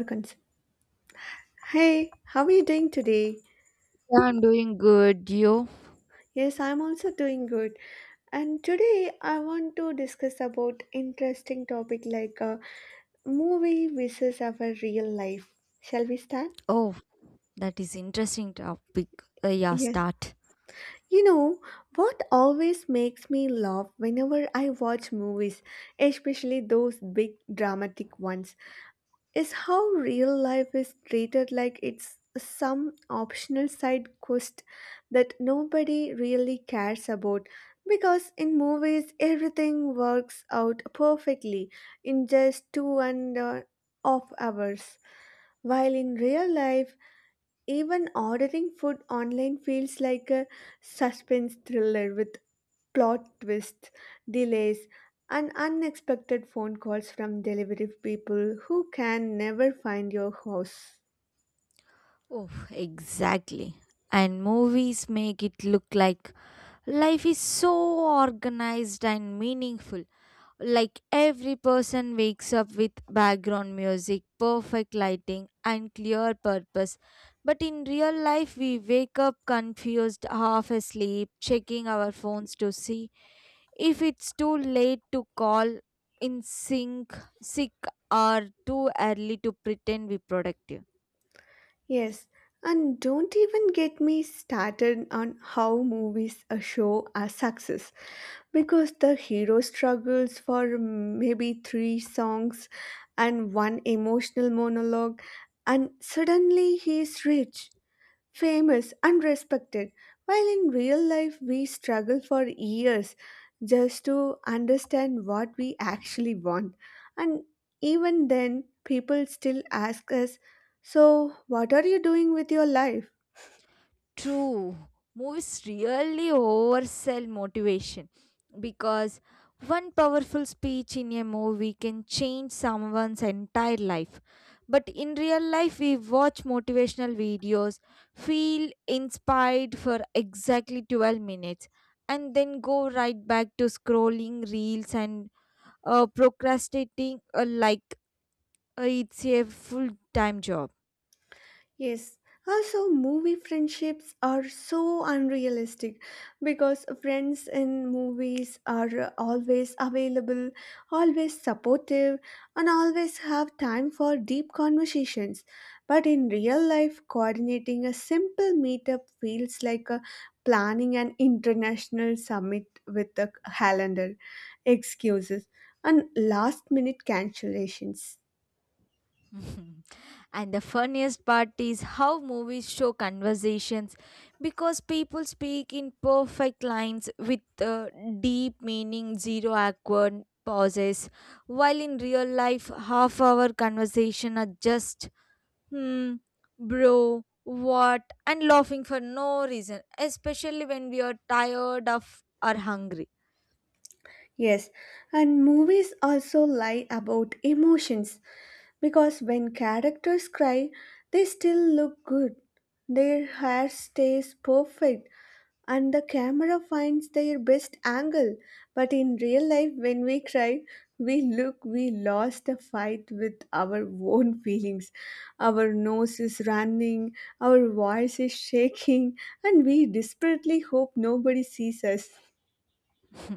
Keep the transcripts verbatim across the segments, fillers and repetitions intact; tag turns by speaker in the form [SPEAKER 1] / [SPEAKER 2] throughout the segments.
[SPEAKER 1] Americans. Hey, how are you doing today?
[SPEAKER 2] Yeah, I'm doing good. You?
[SPEAKER 1] Yes, I'm also doing good. And today I want to discuss about interesting topic like uh, movie versus our real life. Shall we start?
[SPEAKER 2] Oh, that is interesting topic. Uh, yeah,
[SPEAKER 1] Yes.
[SPEAKER 2] start.
[SPEAKER 1] You know, what always makes me laugh whenever I watch movies, especially those big dramatic ones, is how real life is treated like it's some optional side quest that nobody really cares about because in movies everything works out perfectly in just two and a half hours, while in real life even ordering food online feels like a suspense thriller with plot twists, delays, and unexpected phone calls from delivery people who can never find your house.
[SPEAKER 2] Oh, exactly. And movies make it look like life is so organized and meaningful. Like every person wakes up with background music, perfect lighting, and clear purpose. But in real life, we wake up confused, half asleep, checking our phones to see if it's too late to call in sync, sick, or too early to pretend we're productive.
[SPEAKER 1] Yes, and don't even get me started on how movies a show a success because the hero struggles for maybe three songs and one emotional monologue and suddenly he's rich, famous and respected, while in real life we struggle for years just to understand what we actually want. And even then, people still ask us, so what are you doing with your life?
[SPEAKER 2] True, movies really oversell motivation because one powerful speech in a movie can change someone's entire life. But in real life, we watch motivational videos, feel inspired for exactly twelve minutes, and then go right back to scrolling reels and uh, procrastinating uh, like uh, it's a full time job.
[SPEAKER 1] Yes. Also, movie friendships are so unrealistic because friends in movies are always available, always supportive, and always have time for deep conversations. But in real life, coordinating a simple meetup feels like a planning an international summit with a calendar, excuses, and last minute cancellations.
[SPEAKER 2] Mhm. And the funniest part is how movies show conversations because people speak in perfect lines with uh, deep meaning, zero awkward pauses, while in real life, half hour conversation are just hmm, bro, what, and laughing for no reason, especially when we are tired of or hungry.
[SPEAKER 1] Yes, and movies also lie about emotions because when characters cry, they still look good. Their hair stays perfect and the camera finds their best angle. But in real life, when we cry, we look we lost a fight with our own feelings. Our nose is running, our voice is shaking, and we desperately hope nobody sees us.
[SPEAKER 2] Hmm.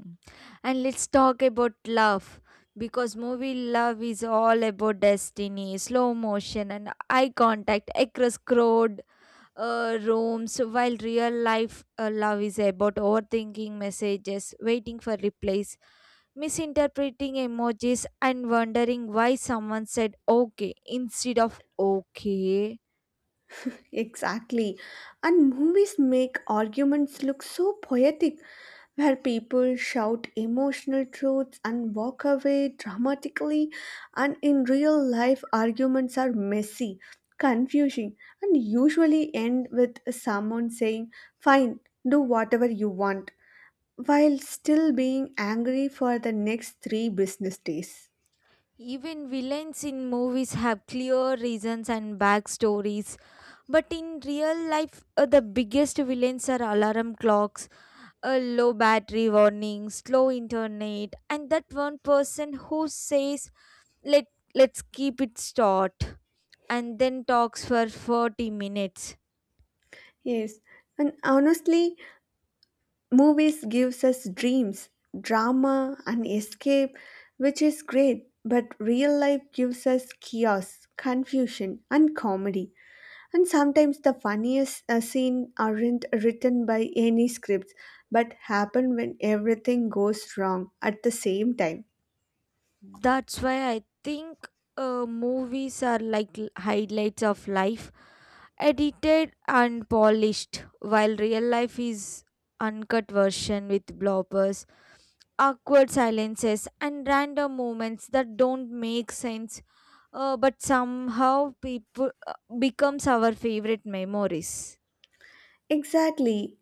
[SPEAKER 2] And let's talk about love because movie love is all about destiny slow motion and eye contact across crowd uh, rooms, while real life uh, love is about overthinking messages, waiting for replies, misinterpreting emojis, and wondering why someone said okay instead of okay.
[SPEAKER 1] Exactly. And movies make arguments look so poetic, where people shout emotional truths and walk away dramatically. And in real life, arguments are messy, confusing, and usually end with someone saying, fine, do whatever you want, while still being angry for the next three business days.
[SPEAKER 2] Even villains in movies have clear reasons and backstories. But in real life, uh, the biggest villains are alarm clocks, uh, low battery warnings, slow internet, and that one person who says, "Let let's keep it short," and then talks for forty minutes.
[SPEAKER 1] Yes, and honestly, movies gives us dreams, drama and escape, which is great, but real life gives us chaos, confusion and comedy. And sometimes the funniest uh, scene aren't written by any scripts but happen when everything goes wrong at the same time.
[SPEAKER 2] That's why I think uh, movies are like l- highlights of life, edited and polished, while real life is uncut version with bloopers, awkward silences, and random moments that don't make sense, uh, but somehow people uh, becomes our favorite memories.
[SPEAKER 1] Exactly.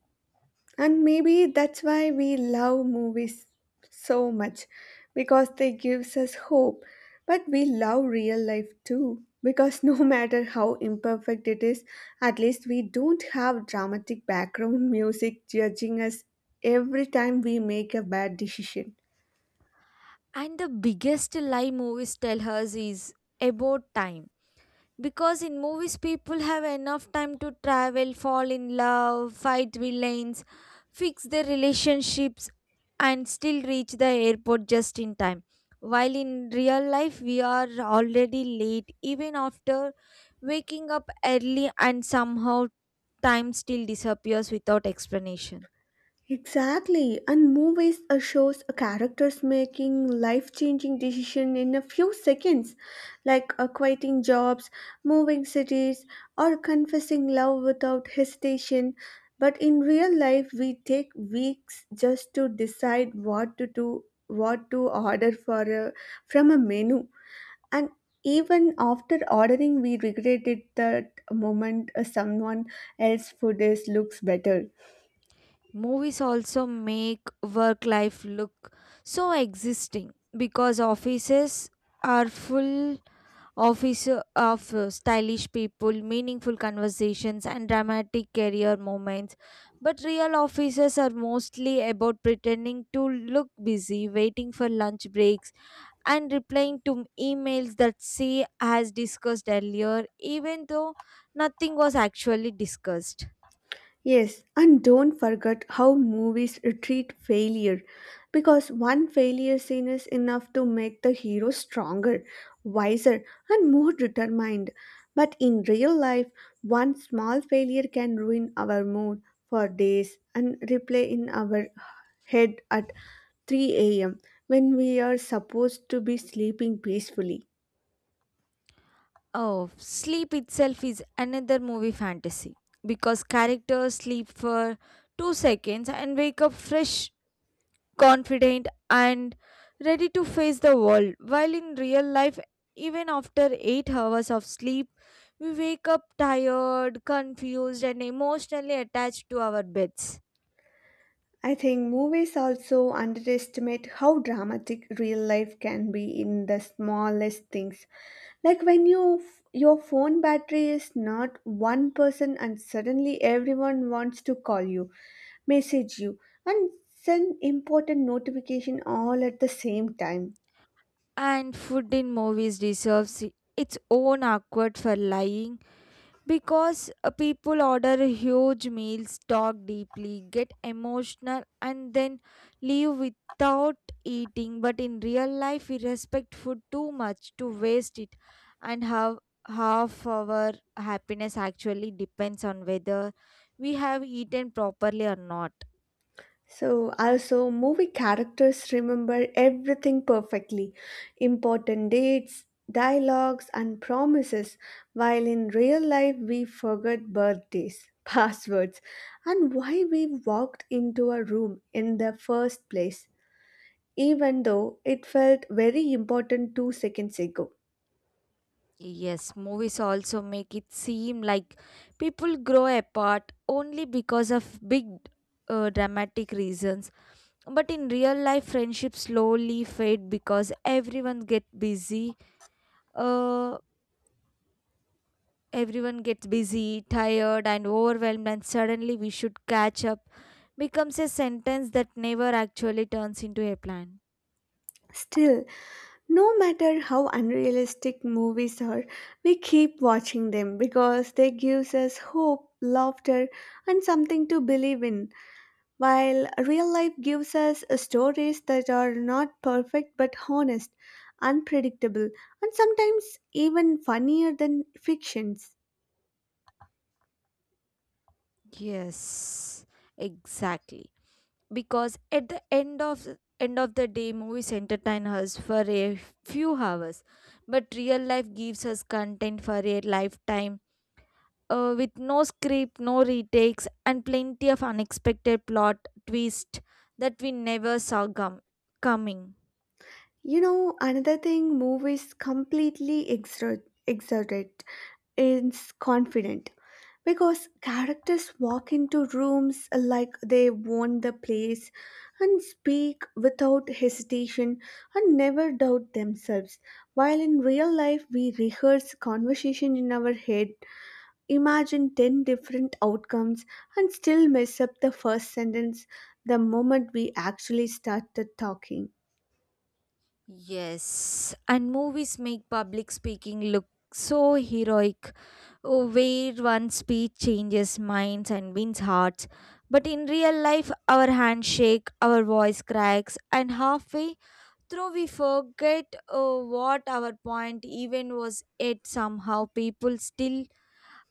[SPEAKER 1] And maybe that's why we love movies so much because they gives us hope. But we love real life too because no matter how imperfect it is, at least we don't have dramatic background music judging us every time we make a bad decision.
[SPEAKER 2] And the biggest lie movies tell us is about time, because in movies people have enough time to travel, fall in love, fight villains, fix their relationships, and still reach the airport just in time, while in real life we are already late even after waking up early, and somehow time still disappears without explanation.
[SPEAKER 1] Exactly, and movies uh, shows a characters making life-changing decision in a few seconds, like uh, quitting jobs, moving cities, or confessing love without hesitation. But in real life, we take weeks just to decide what to do, what to order for a, from a menu, and even after ordering, we regret it that moment uh, someone else food is looks better.
[SPEAKER 2] Movies also make work life look so existing because offices are full office uh, of uh, stylish people, meaningful conversations, and dramatic career moments. But real offices are mostly about pretending to look busy, waiting for lunch breaks, and replying to emails that say as discussed earlier, even though nothing was actually discussed.
[SPEAKER 1] Yes, and don't forget how movies treat failure because one failure scene is enough to make the hero stronger, wiser, and more determined. But in real life, one small failure can ruin our mood for days and replay in our head at three a m when we are supposed to be sleeping peacefully.
[SPEAKER 2] Oh, sleep itself is another movie fantasy because characters sleep for two seconds and wake up fresh, confident, and ready to face the world. While in real life, even after eight hours of sleep, we wake up tired, confused, and emotionally attached to our beds.
[SPEAKER 1] I think movies also underestimate how dramatic real life can be in the smallest things. Like when you your phone battery is not one percent and suddenly everyone wants to call you, message you and send important notification all at the same time.
[SPEAKER 2] And food in movies deserves its own awkward for lying. Because uh, people order huge meals, talk deeply, get emotional, and then leave without eating. But in real life, we respect food too much to waste it, and have half our happiness actually depends on whether we have eaten properly or not.
[SPEAKER 1] So, also, movie characters remember everything perfectly, important dates, dialogues, and promises, while in real life, we forget birthdays, passwords, and why we walked into a room in the first place, even though it felt very important two seconds ago.
[SPEAKER 2] Yes, movies also make it seem like people grow apart only because of big uh, dramatic reasons. But in real life, friendships slowly fade because everyone get busy. Uh, everyone gets busy, tired, and overwhelmed, and suddenly we should catch up becomes a sentence that never actually turns into a plan.
[SPEAKER 1] Still, no matter how unrealistic movies are, we keep watching them because they gives us hope, laughter, and something to believe in. While real life gives us stories that are not perfect but honest, unpredictable, and sometimes even funnier than fictions.
[SPEAKER 2] Yes, exactly. Because at the end of end of the day movies entertain us for a few hours, but real life gives us content for a lifetime, uh, with no script, no retakes, and plenty of unexpected plot twist that we never saw gum- coming.
[SPEAKER 1] You know, another thing movies completely exert exerted is confidence because characters walk into rooms like they own the place and speak without hesitation and never doubt themselves, while in real life we rehearse conversation in our head, imagine ten different outcomes and still mess up the first sentence the moment we actually started talking.
[SPEAKER 2] Yes, and movies make public speaking look so heroic, oh, where one speech changes minds and wins hearts. But in real life, our handshake, our voice cracks, and halfway through we forget oh, what our point even was. It somehow people still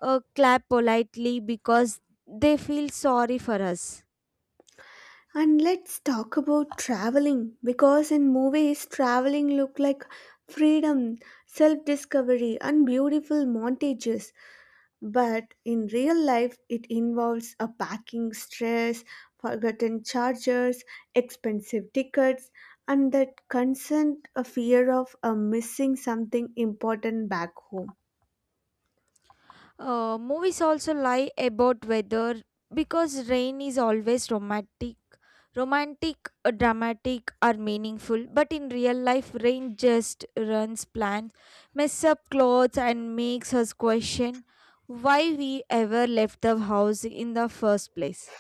[SPEAKER 2] uh, clap politely because they feel sorry for us.
[SPEAKER 1] And let's talk about traveling because in movies traveling look like freedom, self-discovery and beautiful montages, but in real life it involves a packing stress, forgotten chargers, expensive tickets and that constant a fear of a missing something important back home.
[SPEAKER 2] Uh, movies also lie about weather because rain is always romantic, romantic, uh, dramatic, or meaningful. But in real life, rain just runs plans, mess up clothes, and makes us question why we ever left the house in the first place.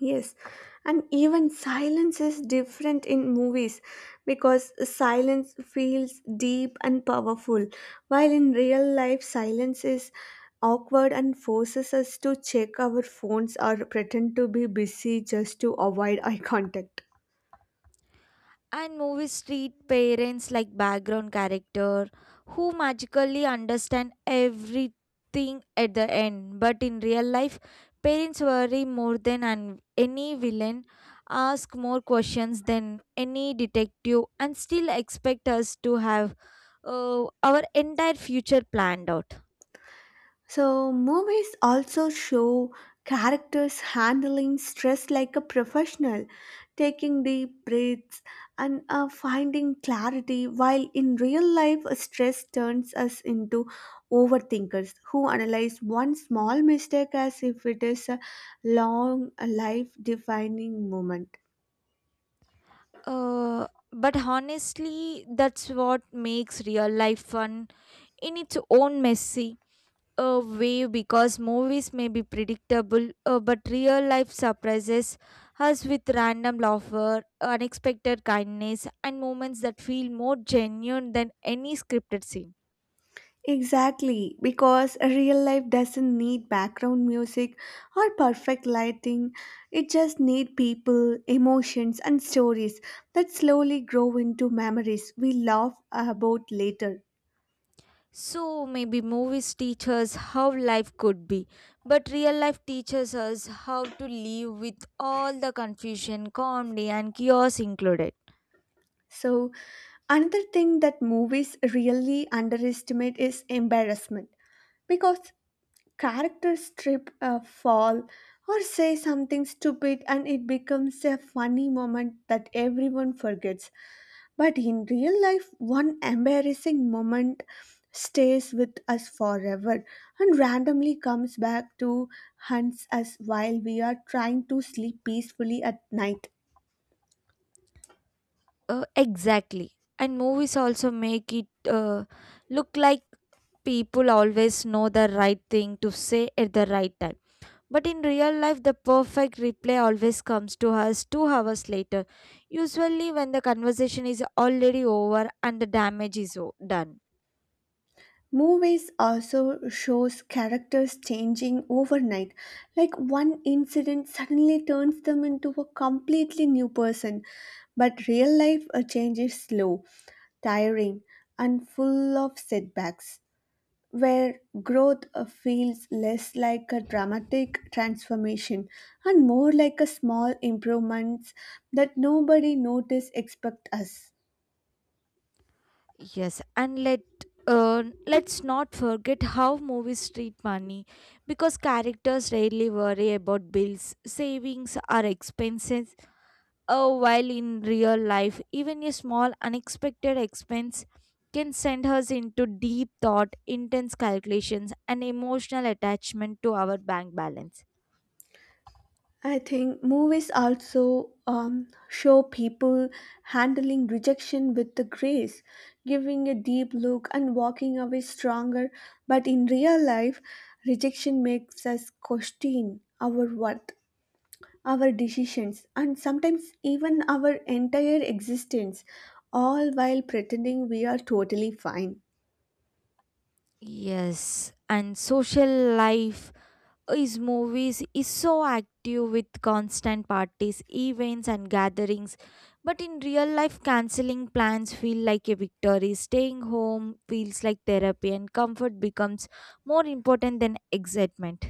[SPEAKER 1] Yes, and even silence is different in movies because silence feels deep and powerful, while in real life, silence is awkward and forces us to check our phones or pretend to be busy just to avoid eye contact.
[SPEAKER 2] And movies treat parents like background character who magically understand everything at the end, but in real life parents worry more than an- any villain, ask more questions than any detective, and still expect us to have uh, our entire future planned out.
[SPEAKER 1] So, movies also show characters handling stress like a professional, taking deep breaths and uh, finding clarity, while in real life, uh, stress turns us into overthinkers who analyze one small mistake as if it is a long, life defining moment.
[SPEAKER 2] Uh, but honestly that's what makes real life fun in its own messy a way, because movies may be predictable, uh, but real life surprises us with random laughter, unexpected kindness, and moments that feel more genuine than any scripted scene.
[SPEAKER 1] Exactly, because real life doesn't need background music or perfect lighting. It just needs people, emotions, and stories that slowly grow into memories we laugh about later.
[SPEAKER 2] So maybe movies teach us how life could be, but real life teaches us how to live with all the confusion, comedy, and chaos included.
[SPEAKER 1] So, another thing that movies really underestimate is embarrassment because characters trip, uh, fall, or say something stupid, and it becomes a funny moment that everyone forgets. But in real life, one embarrassing moment stays with us forever and randomly comes back to hunt us while we are trying to sleep peacefully at night.
[SPEAKER 2] Uh, exactly. And movies also make it uh, look like people always know the right thing to say at the right time. But in real life, the perfect reply always comes to us two hours later, usually when the conversation is already over and the damage is o- done.
[SPEAKER 1] Movies also shows characters changing overnight. Like one incident suddenly turns them into a completely new person, but real life a change is slow, tiring, and full of setbacks, where growth uh, feels less like a dramatic transformation and more like a small improvements that nobody notice expect us.
[SPEAKER 2] Yes, and let uh, let's not forget how movies treat money because characters rarely worry about bills, savings, or expenses. Oh, while in real life, even a small unexpected expense can send us into deep thought, intense calculations, and emotional attachment to our bank balance.
[SPEAKER 1] I think movies also um, show people handling rejection with the grace, giving a deep look and walking away stronger. But in real life, rejection makes us question our worth, our decisions, and sometimes even our entire existence, all while pretending we are totally fine.
[SPEAKER 2] Yes, and social life is movies is so active with constant parties, events, and gatherings. But in real life, canceling plans feel like a victory. Staying home feels like therapy, and comfort becomes more important than excitement.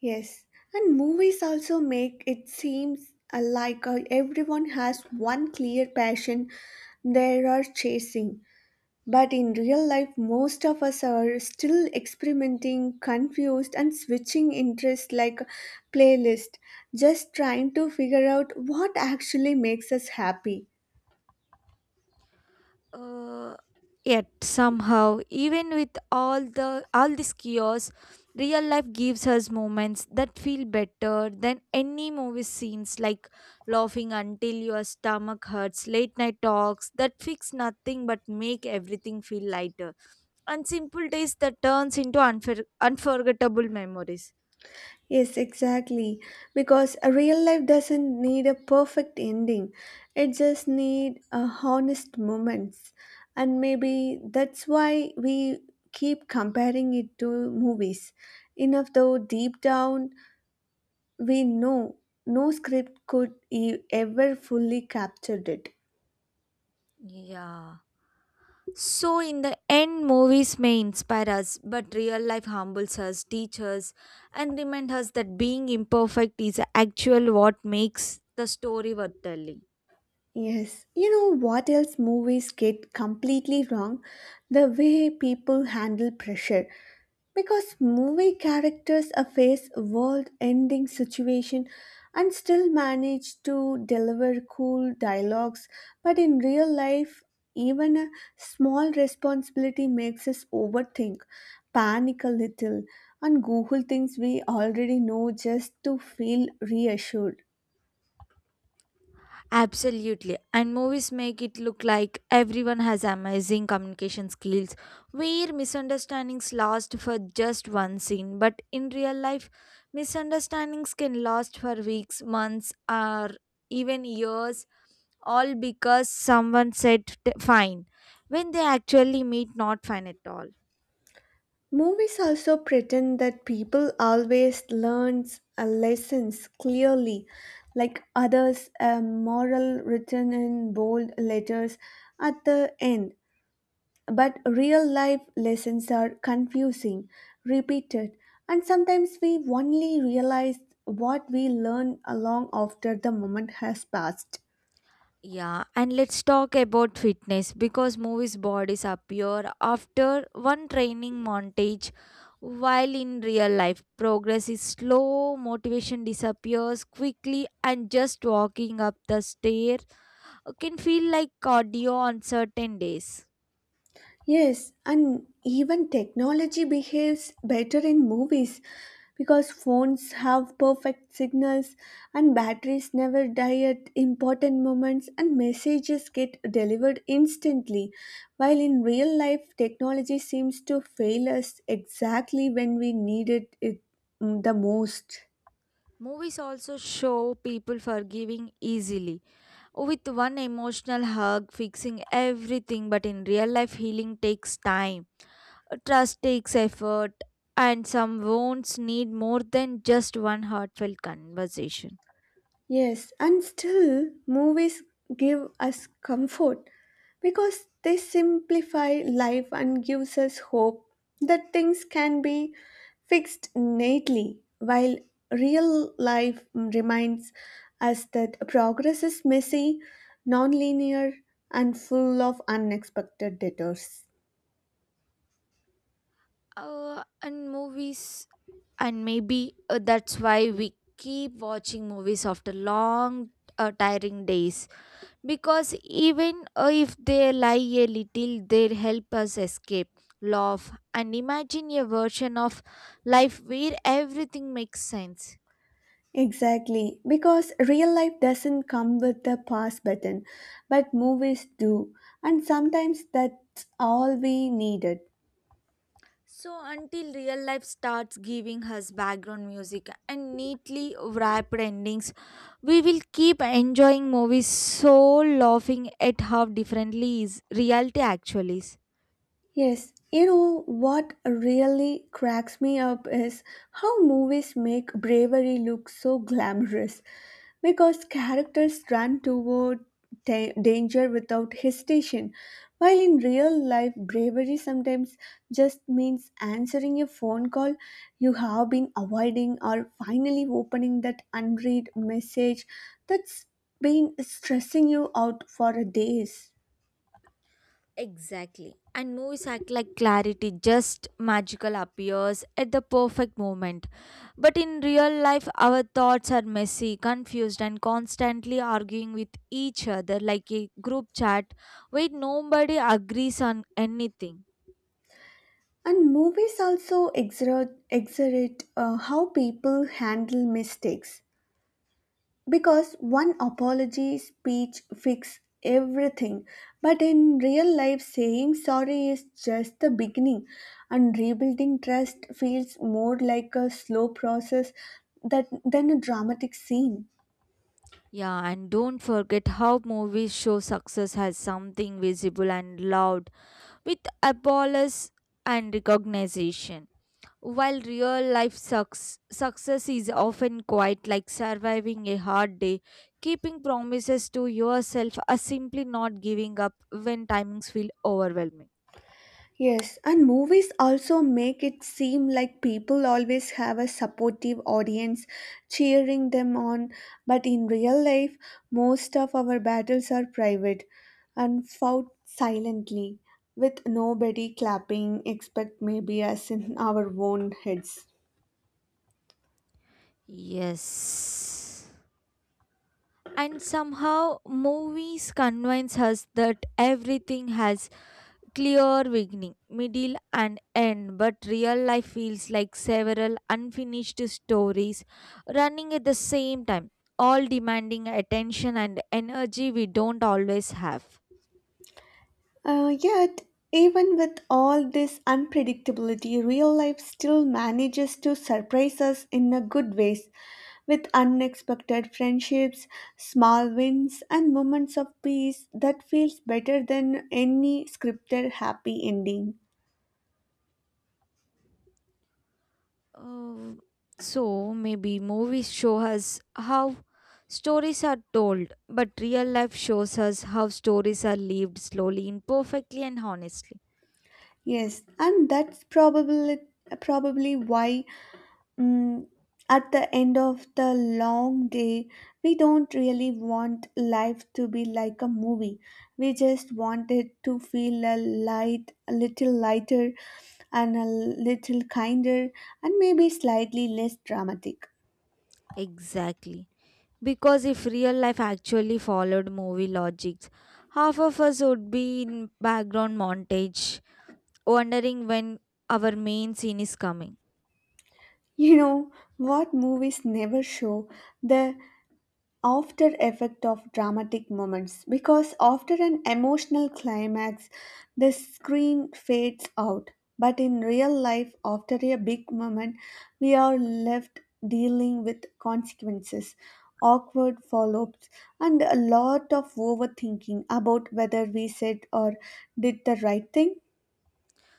[SPEAKER 1] Yes, and movies also make it seems uh, like uh, everyone has one clear passion they are chasing. But in real life, most of us are still experimenting, confused, and switching interests like a playlist, just trying to figure out what actually makes us happy.
[SPEAKER 2] uh, Yet somehow, even with all the all this chaos, real life gives us moments that feel better than any movie scenes, like laughing until your stomach hurts, late night talks that fix nothing but make everything feel lighter, and simple days that turns into unfor- unforgettable memories.
[SPEAKER 1] Yes, exactly. Because a real life doesn't need a perfect ending. It just need a honest moments. And maybe that's why we keep comparing it to movies. Enough though deep down we know no script could e- ever fully captured it.
[SPEAKER 2] Yeah. So, in the end, movies may inspire us, but real life humbles us, teaches, us, and remind us that being imperfect is actual what makes the story worth telling.
[SPEAKER 1] Yes, you know what else movies get completely wrong? The way people handle pressure. Because movie characters are face world ending situation and still manage to deliver cool dialogues, but in real life, even a small responsibility makes us overthink, panic a little, and Google things we already know just to feel reassured.
[SPEAKER 2] Absolutely. And movies make it look like everyone has amazing communication skills, where misunderstandings last for just one scene. But in real life, misunderstandings can last for weeks, months, or even years, all because someone said t- fine when they actually meet not fine at all.
[SPEAKER 1] Movies also pretend that people always learns a lessons clearly, like others a moral written in bold letters at the end. But real life lessons are confusing, repeated, and sometimes we only realize what we learn along after the moment has passed.
[SPEAKER 2] Yeah, and let's talk about fitness because movies bodies appear after one training montage, while in real life progress is slow, motivation disappears quickly, and just walking up the stair can feel like cardio on certain days.
[SPEAKER 1] Yes, and even technology behaves better in movies because phones have perfect signals and batteries never die at important moments and messages get delivered instantly. While in real life, technology seems to fail us exactly when we needed it mm, the most.
[SPEAKER 2] Movies also show people forgiving easily, with one emotional hug fixing everything, but in real life, healing takes time. Uh, Trust takes effort, and some wounds need more than just one heartfelt conversation.
[SPEAKER 1] Yes, and still, movies give us comfort because they simplify life and gives us hope that things can be fixed neatly, while real life reminds us that progress is messy, non-linear, and full of unexpected detours.
[SPEAKER 2] Uh, and movies, and maybe uh, that's why we keep watching movies after long, uh, tiring days, because even uh, if they lie a little, they help us escape, laugh, and imagine a version of life where everything makes sense.
[SPEAKER 1] Exactly, because real life doesn't come with the pause button, but movies do, and sometimes that's all we needed.
[SPEAKER 2] So, until real life starts giving us background music and neatly wrapped endings, we will keep enjoying movies so laughing at how differently is reality actually is.
[SPEAKER 1] Yes, you know what really cracks me up is how movies make bravery look so glamorous because characters run toward da- danger without hesitation, while in real life, bravery sometimes just means answering a phone call you have been avoiding or finally opening that unread message that's been stressing you out for days.
[SPEAKER 2] Exactly. And movies act like clarity, just magical appears at the perfect moment. But in real life, our thoughts are messy, confused, and constantly arguing with each other like a group chat where nobody agrees on anything.
[SPEAKER 1] And movies also exert, exert uh, how people handle mistakes because one apology speech fix everything, but in real life saying sorry is just the beginning and rebuilding trust feels more like a slow process that, than a dramatic scene.
[SPEAKER 2] Yeah, and don't forget how movies show success as something visible and loud with applause and recognition. While real life sucks, success is often quite like surviving a hard day, keeping promises to yourself, or simply not giving up when timings feel overwhelming.
[SPEAKER 1] Yes, and movies also make it seem like people always have a supportive audience cheering them on, but in real life, most of our battles are private and fought silently, with nobody clapping except maybe us in our own heads.
[SPEAKER 2] Yes. And somehow, movies convince us that everything has clear beginning, middle, and end, but real life feels like several unfinished stories running at the same time, all demanding attention and energy we don't always have.
[SPEAKER 1] Uh, yet, even with all this unpredictability, real life still manages to surprise us in a good ways with unexpected friendships, small wins, and moments of peace that feels better than any scripted happy ending.
[SPEAKER 2] Uh, so maybe movies show us how stories are told, but real life shows us how stories are lived slowly, imperfectly, and honestly.
[SPEAKER 1] Yes, and that's probably probably why Mm, at the end of the long day, we don't really want life to be like a movie. We just want it to feel a light, a little lighter, and a little kinder, and maybe slightly less dramatic.
[SPEAKER 2] Exactly. Because if real life actually followed movie logics, half of us would be in background montage, wondering when our main scene is coming.
[SPEAKER 1] You know what movies never show? The after effect of dramatic moments, because after an emotional climax the screen fades out, but in real life after a big moment we are left dealing with consequences, awkward follow-ups, and a lot of overthinking about whether we said or did the right thing.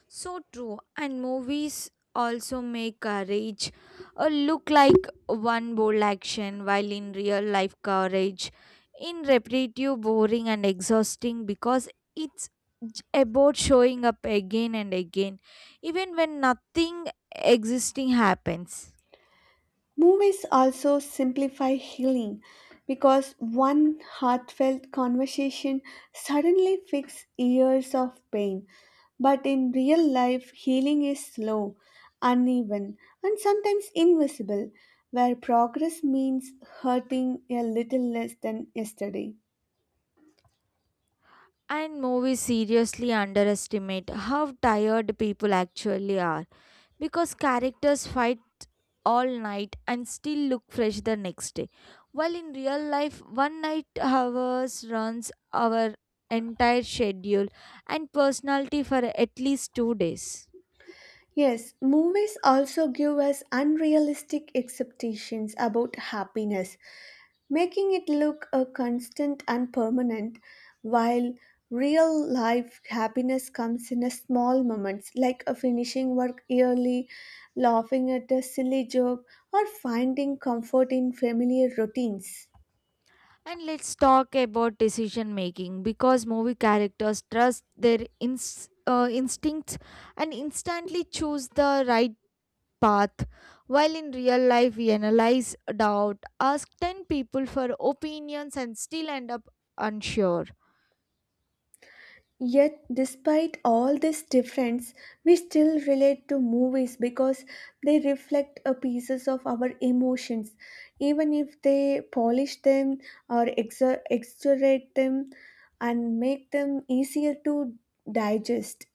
[SPEAKER 2] So true, and movies also make courage uh, look like one bold action, while in real life, courage in repetitive, boring, and exhausting because it's j- about showing up again and again, even when nothing existing happens.
[SPEAKER 1] Movies also simplify healing because one heartfelt conversation suddenly fixes years of pain. But in real life, healing is slow, uneven, and sometimes invisible, where progress means hurting a little less than yesterday.
[SPEAKER 2] And movies seriously underestimate how tired people actually are, because characters fight all night and still look fresh the next day. While in real life, one night hours runs our entire schedule and personality for at least two days.
[SPEAKER 1] Yes, movies also give us unrealistic expectations about happiness, making it look a constant and permanent, while real life happiness comes in a small moments like a finishing work early, laughing at a silly joke, or finding comfort in familiar routines.
[SPEAKER 2] And let's talk about decision making because movie characters trust their ins- uh, instincts and instantly choose the right path, while in real life we analyze, doubt, ask ten people for opinions, and still end up unsure.
[SPEAKER 1] Yet, despite all this difference, we still relate to movies because they reflect a pieces of our emotions, even if they polish them or exaggerate them and make them easier to digest.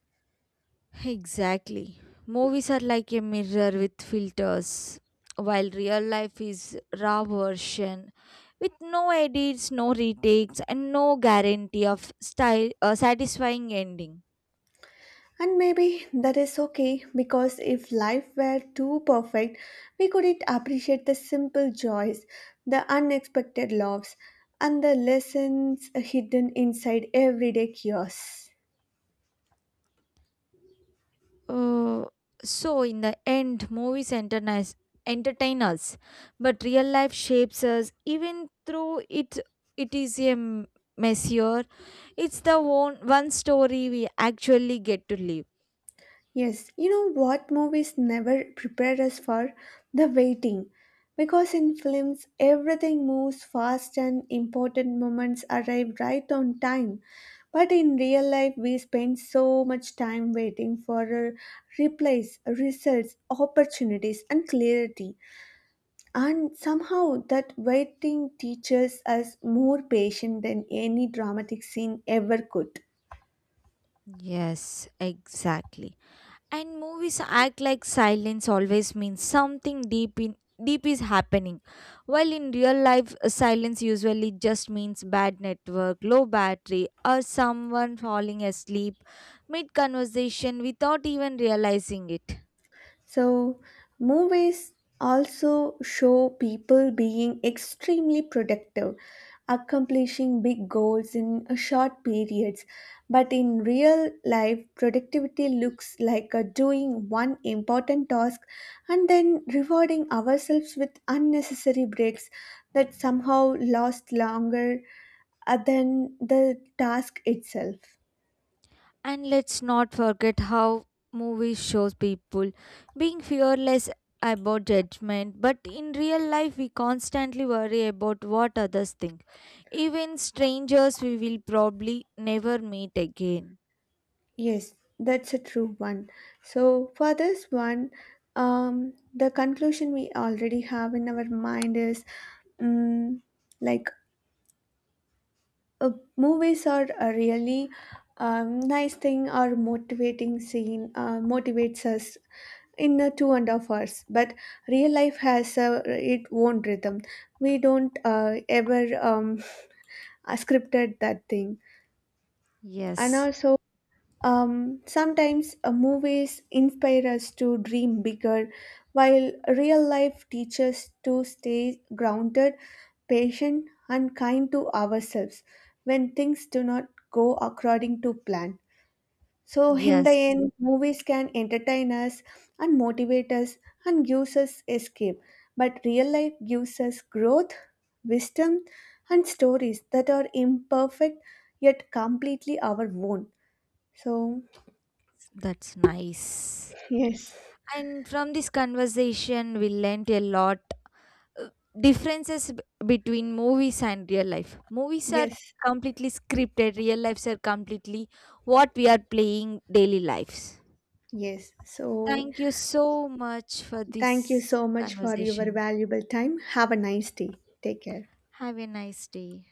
[SPEAKER 2] Exactly. Movies are like a mirror with filters, while real life is raw version with no edits, no retakes, and no guarantee of style, uh, satisfying ending.
[SPEAKER 1] And maybe that is okay because if life were too perfect, we couldn't appreciate the simple joys, the unexpected loves, and the lessons hidden inside everyday chaos.
[SPEAKER 2] Uh, so, in the end, movies entertain, entertain us, but real life shapes us. Even though it it is a m- messier, it's the one one story we actually get to live.
[SPEAKER 1] Yes, you know what movies never prepare us for? The waiting. Because in films, everything moves fast and important moments arrive right on time. But in real life, we spend so much time waiting for uh, replies, results, opportunities, and clarity. And somehow, that waiting teaches us more patience than any dramatic scene ever could.
[SPEAKER 2] Yes, exactly. And movies act like silence always means something deep in deep is happening, while in real life uh, silence usually just means bad network, low battery, or someone falling asleep mid conversation without even realizing it.
[SPEAKER 1] So, movies also show people being extremely productive, accomplishing big goals in a short periods. But in real life, productivity looks like uh, doing one important task and then rewarding ourselves with unnecessary breaks that somehow last longer uh, than the task itself.
[SPEAKER 2] And let's not forget how movies shows people being fearless about judgment, but in real life, we constantly worry about what others think. Even strangers we will probably never meet again.
[SPEAKER 1] Yes, that's a true one. So, for this one, um, the conclusion we already have in our mind is um, like uh, movies are a really um, nice thing or motivating scene, uh, motivates us in a two and a half hours. But real life has a, its own rhythm. We don't uh, ever um, scripted that thing. And
[SPEAKER 2] Yes,
[SPEAKER 1] also, Um, sometimes uh, movies inspire us to dream bigger, while real life teaches to stay grounded, patient, and kind to ourselves when things do not go according to plan. So, in the
[SPEAKER 2] yes,
[SPEAKER 1] end, movies can entertain us and motivate us and gives us escape, but real life gives us growth, wisdom, and stories that are imperfect yet completely our own. So,
[SPEAKER 2] that's nice.
[SPEAKER 1] yes,
[SPEAKER 2] And from this conversation, we learnt a lot uh, differences b- between movies and real life. Movies are
[SPEAKER 1] yes,
[SPEAKER 2] completely scripted, real lives are completely what we are playing daily lives.
[SPEAKER 1] yes. So,
[SPEAKER 2] Thank you so much for
[SPEAKER 1] thank you
[SPEAKER 2] this
[SPEAKER 1] so much for your
[SPEAKER 2] conversation.
[SPEAKER 1] valuable time. Have a nice day. Take care.
[SPEAKER 2] Have a nice day.